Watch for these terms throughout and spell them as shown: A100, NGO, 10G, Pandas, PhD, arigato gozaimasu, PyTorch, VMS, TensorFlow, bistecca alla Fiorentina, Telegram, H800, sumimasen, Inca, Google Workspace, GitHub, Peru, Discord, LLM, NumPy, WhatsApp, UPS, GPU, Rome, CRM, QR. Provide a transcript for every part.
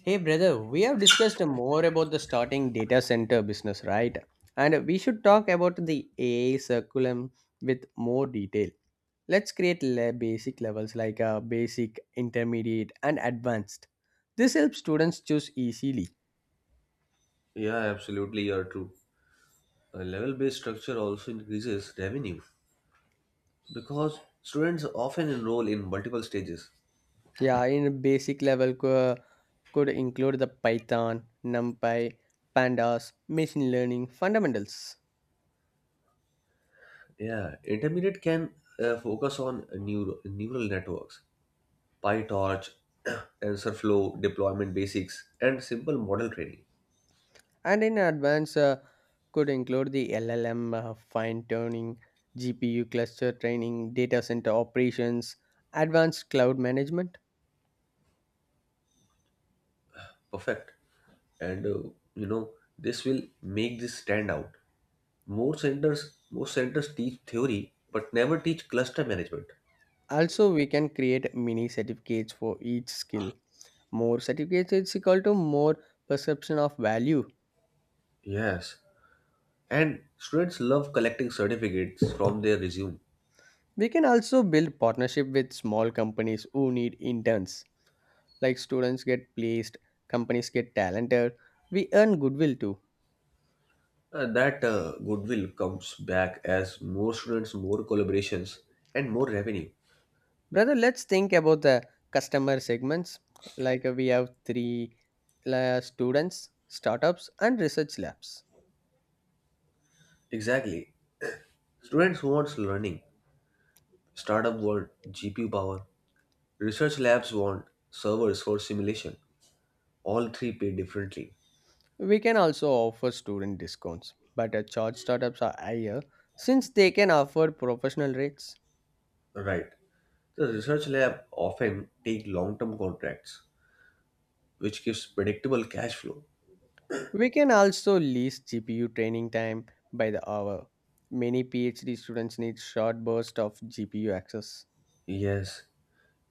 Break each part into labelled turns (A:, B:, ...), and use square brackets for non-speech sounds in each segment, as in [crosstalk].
A: Hey brother, we have discussed more about the starting data center business, right? And we should talk about the AI curriculum with more detail. Let's create basic levels like basic, intermediate, and advanced. This helps students choose easily.
B: Yeah, absolutely, you're true. A level based structure also increases revenue because students often enroll in multiple stages.
A: Yeah, in a basic level could include the Python, NumPy, Pandas, machine learning fundamentals.
B: Yeah, intermediate can focus on neural networks, PyTorch, [coughs] [clears throat] TensorFlow, deployment basics, and simple model training.
A: And in advance, could include the LLM fine tuning, GPU cluster training, data center operations, advanced cloud management.
B: Perfect. And uh, you know, this will make this stand out. Most centers teach theory but never teach cluster management.
A: Also, we can create mini certificates for each skill. More certificates is equal to more perception of value.
B: Yes, and students love collecting certificates from their resume.
A: We can also build partnership with small companies who need interns. Like students get placed, companies get talented. We earn goodwill too.
B: And that goodwill comes back as more students, more collaborations, and more revenue.
A: Brother, let's think about the customer segments. Like we have three students, startups, and research labs.
B: Exactly. Students want learning. Startup want GPU power. Research labs want servers for simulation. All three pay differently.
A: We can also offer student discounts, but charge startups are higher since they can offer professional rates.
B: Right. The research lab often take long-term contracts, which gives predictable cash flow.
A: We can also lease GPU training time by the hour. Many PhD students need short bursts of GPU access.
B: Yes,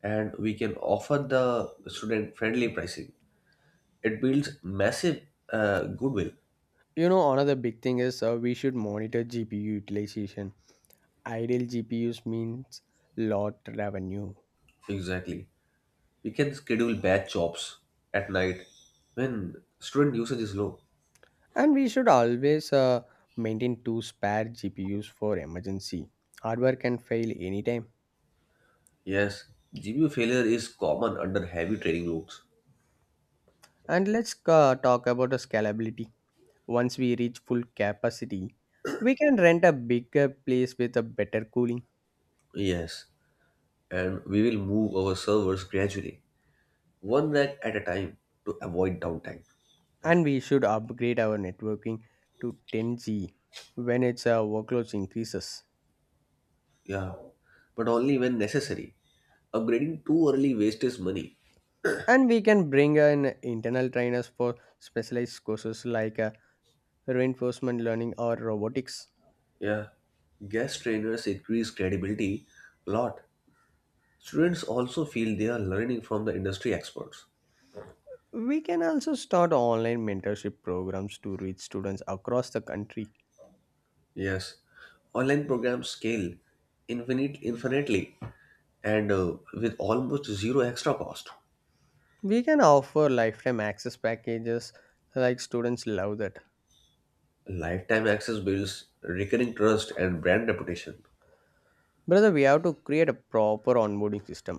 B: and we can offer the student friendly pricing. It builds massive goodwill.
A: You know, another big thing is we should monitor GPU utilization. Idle GPUs means lot revenue.
B: Exactly. We can schedule batch jobs at night when student usage is low.
A: And we should always maintain two spare GPUs for emergency. Hardware can fail anytime.
B: Yes, GPU failure is common under heavy training loads.
A: And let's talk about the scalability. Once we reach full capacity, we can rent a bigger place with a better cooling.
B: Yes, and we will move our servers gradually, one rack at a time to avoid downtime.
A: And we should upgrade our networking to 10G when its workloads increases.
B: Yeah, but only when necessary. Upgrading too early wastes money.
A: And we can bring in internal trainers for specialized courses like reinforcement learning or robotics.
B: Yeah, guest trainers increase credibility a lot. Students also feel they are learning from the industry experts.
A: We can also start online mentorship programs to reach students across the country.
B: Yes, online programs scale infinitely and with almost zero extra cost.
A: We can offer lifetime access packages like students love that.
B: Lifetime access builds recurring trust and brand reputation.
A: Brother, we have to create a proper onboarding system.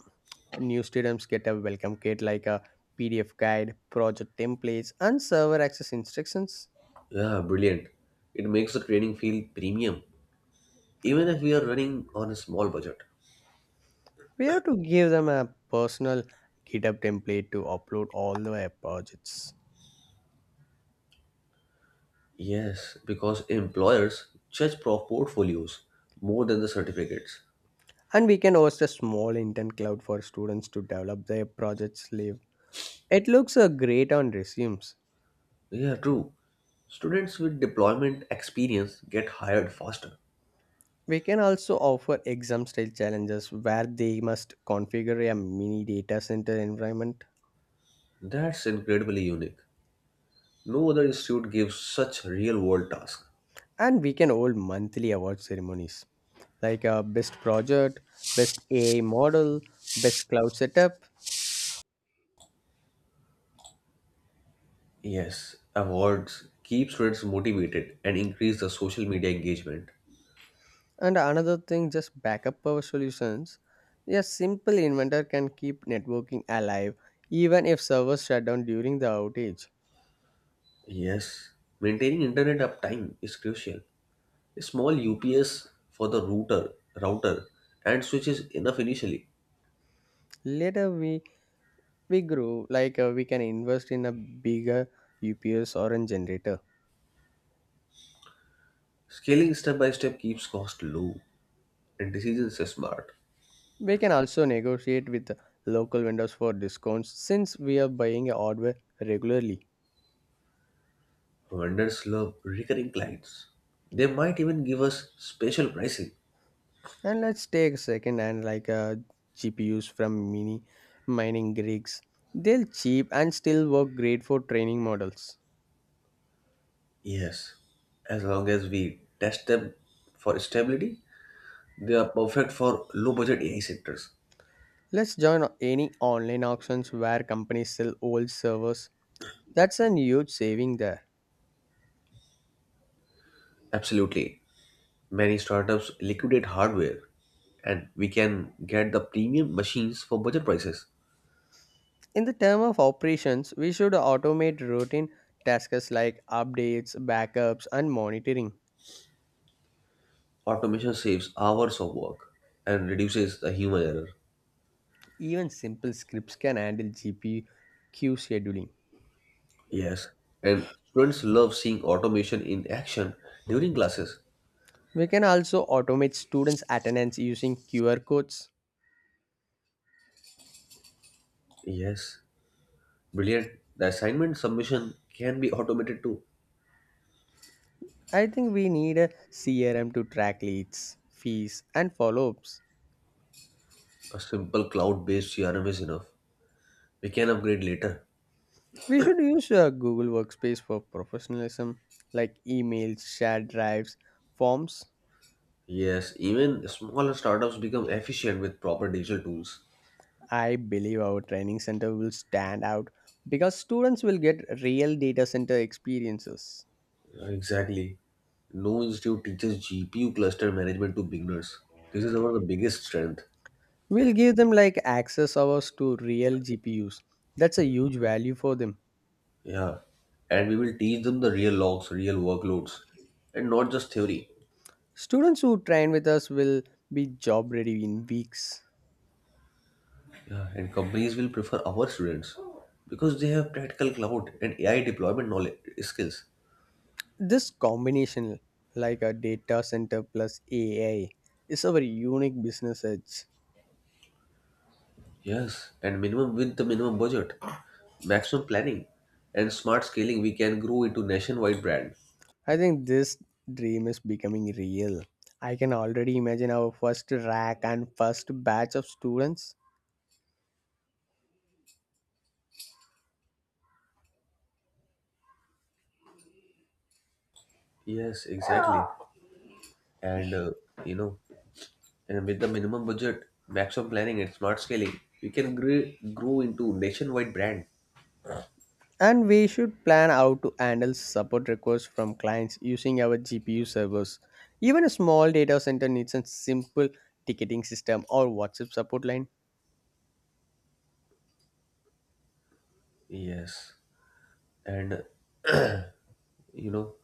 A: New students get a welcome kit like a PDF guide, project templates, and server access instructions.
B: Yeah, brilliant. It makes the training feel premium, even if we are running on a small budget.
A: We have to give them a personal GitHub template to upload all their projects.
B: Yes, because employers judge pro portfolios more than the certificates.
A: And we can host a small intern cloud for students to develop their projects live. It looks great on resumes.
B: Yeah, true. Students with deployment experience get hired faster.
A: We can also offer exam style challenges where they must configure a mini data center environment,
B: That's incredibly unique. No other institute gives such real-world tasks.
A: and we can hold monthly award ceremonies like best project, best AI model, best cloud setup.
B: Yes, awards keep students motivated and increase the social media engagement.
A: And another thing, just backup power solutions. A simple inventor can keep networking alive even if servers shut down during the outage.
B: Yes, maintaining internet uptime is crucial. A small UPS for the router and switch is enough initially.
A: Later we grew like we can invest in a bigger ups or a generator.
B: Scaling step by step keeps cost low and decisions are smart.
A: We can also negotiate with local vendors for discounts since we are buying hardware regularly.
B: Vendors love recurring clients. They might even give us special pricing.
A: And let's take a second and like gpus from mining rigs. They're cheap and still work great for training models.
B: Yes, as long as we test them for stability, they are perfect for low budget AI sectors.
A: Let's join any online auctions where companies sell old servers. That's a huge saving there.
B: Absolutely. Many startups liquidate hardware, and we can get the premium machines for budget prices.
A: In the term of operations, we should automate routine tasks like updates, backups, and monitoring.
B: Automation saves hours of work and reduces the human error.
A: Even simple scripts can handle GPQ scheduling.
B: Yes, and students love seeing automation in action during classes.
A: We can also automate students' attendance using QR codes.
B: Yes, brilliant. The assignment submission can be automated too.
A: I think we need a CRM to track leads, fees, and follow ups.
B: A simple cloud based CRM is enough. We can upgrade later.
A: We should use Google Workspace for professionalism, like emails, shared drives, forms.
B: Yes, even smaller startups become efficient with proper digital tools.
A: I believe our training center will stand out because students will get real data center experiences.
B: Exactly. No institute teaches GPU cluster management to beginners. This is our the biggest strength.
A: We'll give them like access hours to real GPUs. That's a huge value for them.
B: Yeah. And we will teach them the real logs, real workloads, and not just theory.
A: Students who train with us will be job ready in weeks.
B: Yeah. And companies will prefer our students because they have practical cloud and AI deployment knowledge skills.
A: This combination, like a data center plus AI, is our unique business edge.
B: Yes, and minimum with the minimum budget, maximum planning, and smart scaling, we can grow into nationwide brand.
A: I think this dream is becoming real. I can already imagine our first rack and first batch of students.
B: Yes, exactly. And you know, and With the minimum budget, maximum planning, and smart scaling, we can grow into nationwide brand.
A: And we should plan how to handle support requests from clients using our GPU servers. Even a small data center needs a simple ticketing system or WhatsApp support line.
B: Yes, and you know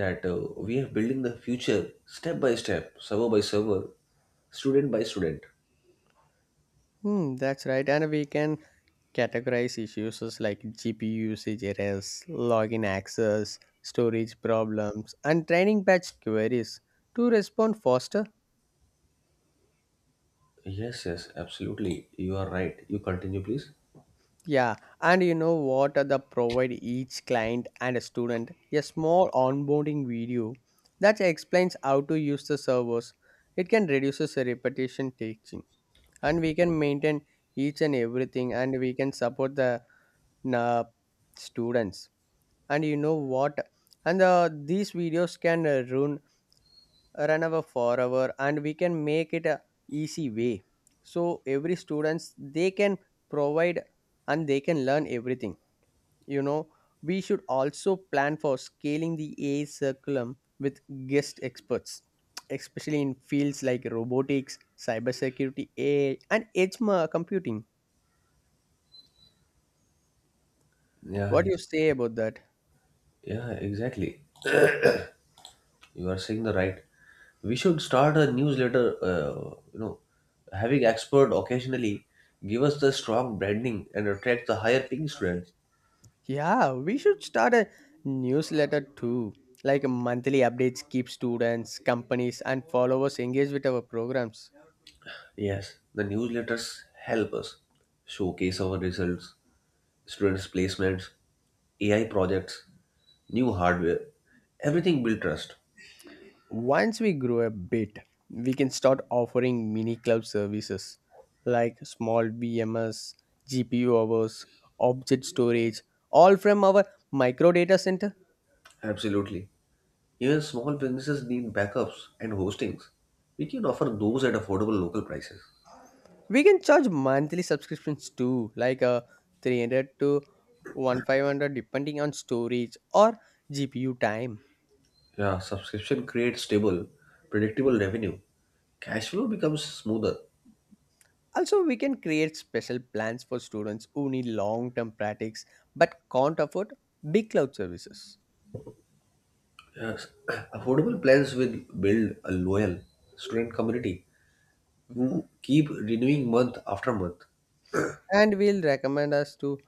B: that we are building the future step by step, server by server, student by student.
A: Hmm, that's right. And we can categorize issues as like GPU usage errors, login access, storage problems, and training batch queries to respond faster.
B: Yes, yes, absolutely. You are right. You continue, please.
A: Yeah, and you know what? The provide each client and a student a small onboarding video that explains how to use the servers. It can reduce the repetition taking, and we can maintain each and everything, and we can support the uh, students. And you know what? And these videos can run over forever, and we can make it a easy way. So every students they can provide and they can learn everything, you know. We should also plan for scaling the AI curriculum with guest experts, especially in fields like robotics, cybersecurity, AI, and computing.
B: Yeah,
A: What do
B: yes.
A: you say about that?
B: Yeah, exactly. You are saying the right. We should start a newsletter, uh, you know having expert occasionally give us the strong branding and attract the higher paying students.
A: Yeah, we should start a newsletter too, like monthly updates keep students, companies, and followers engaged with our programs.
B: Yes, the newsletters help us showcase our results, students placements, AI projects, new hardware, everything build trust.
A: Once we grow a bit, we can start offering mini cloud services like small VMS, GPU hours, object storage, all from our micro data center.
B: Absolutely. Even small businesses need backups and hostings. We can offer those at affordable local prices.
A: We can charge monthly subscriptions too, like a 300 to 1500 depending on storage or GPU time.
B: Yeah, subscription creates stable, predictable revenue. Cash flow becomes smoother.
A: Also, we can create special plans for students who need long term practice but can't afford big cloud services.
B: Yes. [clears throat] Affordable plans will build a loyal student community who keep renewing month after month.
A: And will recommend us to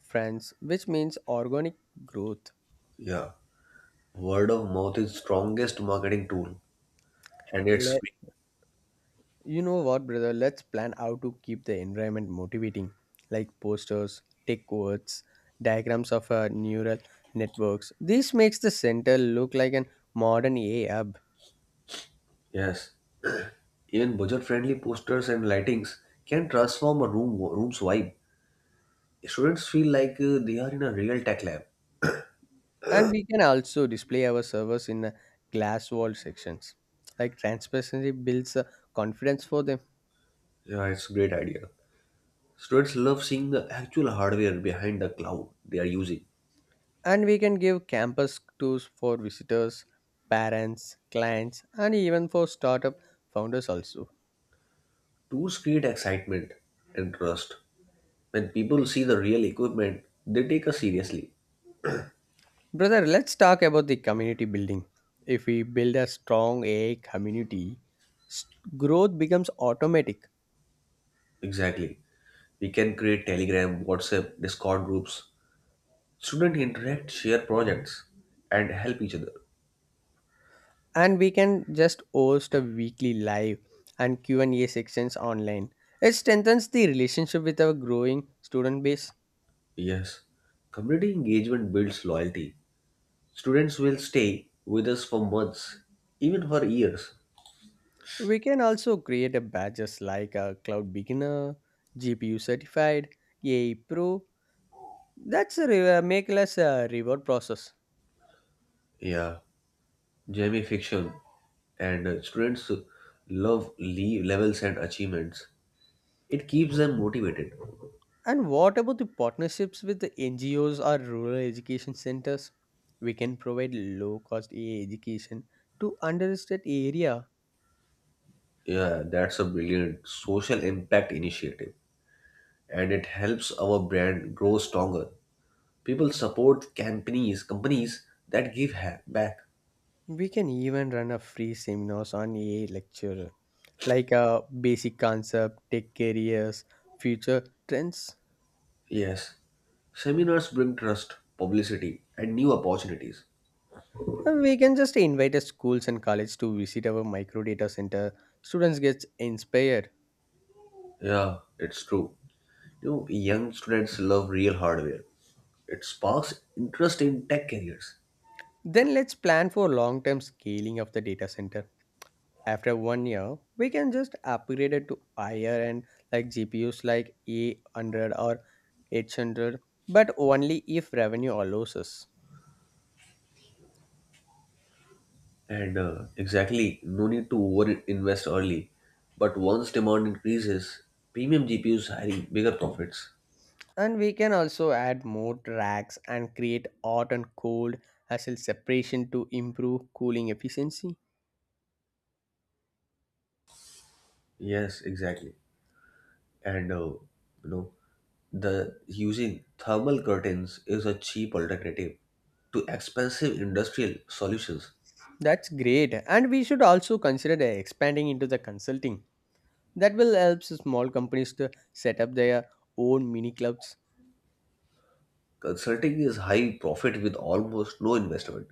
A: friends, which means organic growth.
B: Yeah. Word of mouth is strongest marketing tool and it's
A: Let,
B: free.
A: you know what, brother? Let's plan how to keep the environment motivating, like posters, tech quotes, diagrams of neural networks. This makes the center look like an modern AI hub,
B: Yes. Even budget-friendly posters and lightings can transform a room's vibe. Students feel like they are in a real tech lab.
A: and we can also display our servers in glass wall sections. Like transparency builds confidence for them.
B: Yeah, it's a great idea. Students love seeing the actual hardware behind the cloud they are using.
A: And we can give campus tours for visitors, parents, clients, and even for startup founders also.
B: Tours create excitement and trust. When people see the real equipment, they take us seriously.
A: Brother, let's talk about the community building. If we build a strong AI community, s- growth becomes automatic.
B: Exactly. We can create Telegram, WhatsApp, Discord groups. Students interact, share projects, and help each other.
A: And we can just host a weekly live and Q&A sections online. It strengthens the relationship with our growing student base.
B: Yes. Community engagement builds loyalty. Students will stay with us for months, even for years.
A: We can also create a badges like a cloud beginner, GPU certified, AI Pro. That's a make less reward process.
B: Yeah. Gamification and students love leave levels and achievements. It keeps them motivated.
A: And what about the partnerships with the NGOs or rural education centers? We can provide low cost AI education to underserved area.
B: Yeah, that's a brilliant social impact initiative, and it helps our brand grow stronger. People support companies that give ha- back.
A: We can even run a free seminars on AI lecture, like a basic concept, tech careers, future trends.
B: Yes, seminars bring trust, publicity, and new opportunities.
A: And we can just invite the schools and college to visit our micro data center. Students gets inspired.
B: Yeah, it's true. You know, young students love real hardware. It sparks interest in tech careers.
A: Then let's plan for long term scaling of the data center. After one year we can just upgrade it to higher and like gpus like a100 or 800, but only if revenue allows us.
B: And Exactly, no need to over invest early. But once demand increases, premium GPUs hiring bigger profits.
A: And we can also add more racks and create hot and cold as a separation to improve cooling efficiency.
B: Yes, exactly. And you know, the Using thermal curtains is a cheap alternative to expensive industrial solutions.
A: That's great, and we should also consider the expanding into the consulting that will help small companies to set up their own mini clubs.
B: Consulting is high profit with almost no investment.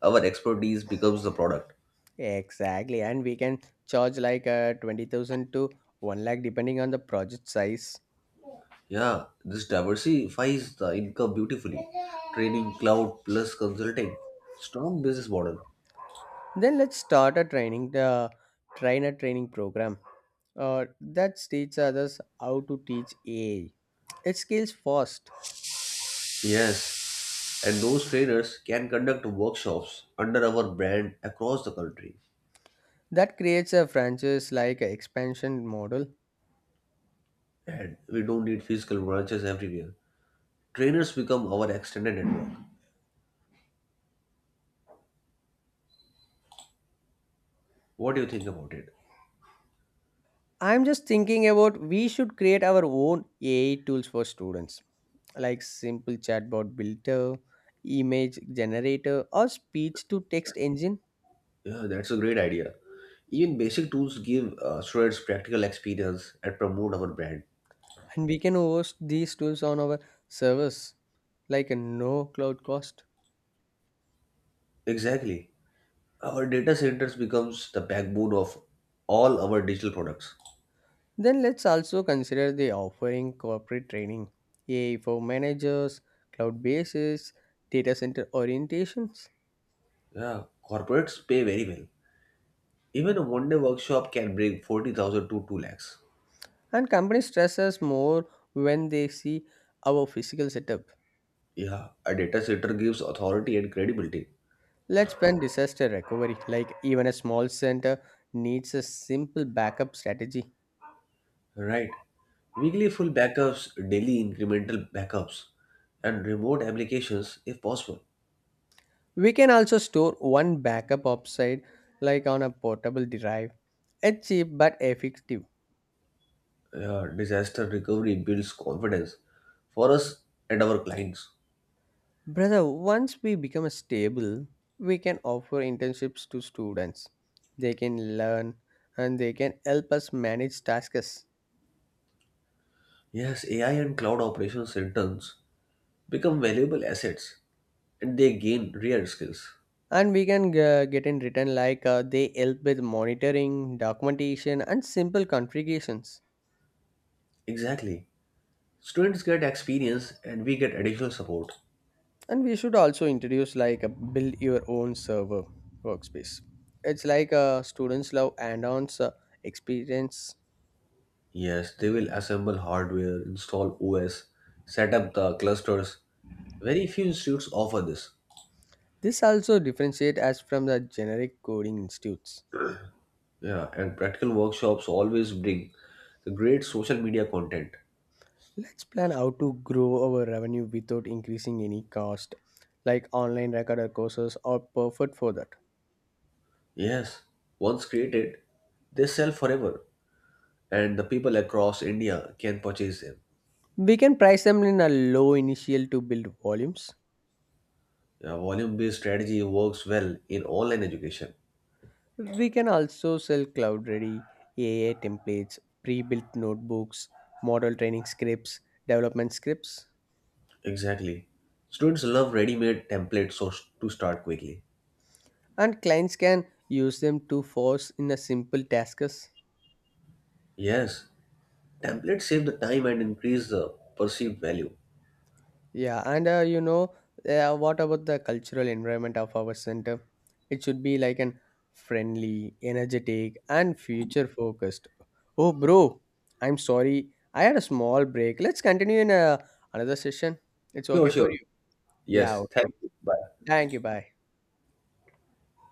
B: Our expertise becomes the product.
A: Exactly, and we can charge like 20,000 to 1 lakh depending on the project size.
B: Yeah, this diversifies the income beautifully. Training cloud plus consulting. Strong business model.
A: Then let's start a training the trainer training program that teaches others how to teach AI. It scales fast.
B: Yes, and those trainers can conduct workshops under our brand across the country.
A: That creates a franchise like a expansion model.
B: And we don't need physical branches everywhere. Trainers become our extended network. What do you think about it?
A: I'm just thinking about we should create our own AI tools for students like simple chatbot builder, image generator or speech to text engine.
B: Yeah, that's a great idea. Even basic tools give students practical experience and promote our brand.
A: And we can host these tools on our servers, like a no cloud cost.
B: Exactly. Our data centers becomes the backbone of all our digital products.
A: Then let's also consider the offering corporate training, AI for managers, cloud bases, data center orientations.
B: Yeah, corporates pay very well. Even a one-day workshop can bring 40,000 to 2 lakhs.
A: And companies stress us more when they see our physical setup.
B: Yeah, a data center gives authority and credibility.
A: Let's plan disaster recovery, like even a small center needs a simple backup strategy.
B: Right. Weekly full backups, daily incremental backups, and remote applications if possible.
A: We can also store one backup offsite like on a portable drive. It's cheap but effective.
B: Yeah, disaster recovery builds confidence for us and our clients.
A: Brother, once we become stable, we can offer internships to students. They can learn and they can help us manage tasks.
B: Yes, AI and cloud operations interns become valuable assets and they gain rare skills.
A: And we can get in return like they help with monitoring, documentation, and simple configurations.
B: Exactly. Students get experience and we get additional support.
A: And we should also introduce like a build your own server workspace. It's like a students love add-ons experience.
B: Yes, they will assemble hardware, install OS, set up the clusters. Very few institutes offer this.
A: This also differentiate us from the generic coding institutes.
B: Yeah, and practical workshops always bring the great social media content.
A: Let's plan how to grow our revenue without increasing any cost, like online recorder courses are perfect for that.
B: Yes, once created, they sell forever, and the people across India can purchase them.
A: We can price them in a low initial to build volumes.
B: Yeah, volume-based strategy works well in online education.
A: We can also sell cloud ready AI templates, pre built notebooks, model training scripts, development scripts,
B: Exactly. Students love ready-made templates so to start quickly.
A: and clients can use them to force in a simple tasks.
B: Yes, templates save the time and increase the perceived value.
A: Yeah, and what about the cultural environment of our center? It should be like an friendly, energetic, and future focused. Oh, bro, I'm sorry. I had a small break. Let's continue in another session. It's
B: Sure,
A: okay for
B: sure.
A: you. Yeah,
B: Yes, thank
A: okay.
B: you. Bye.
A: Thank you. Bye.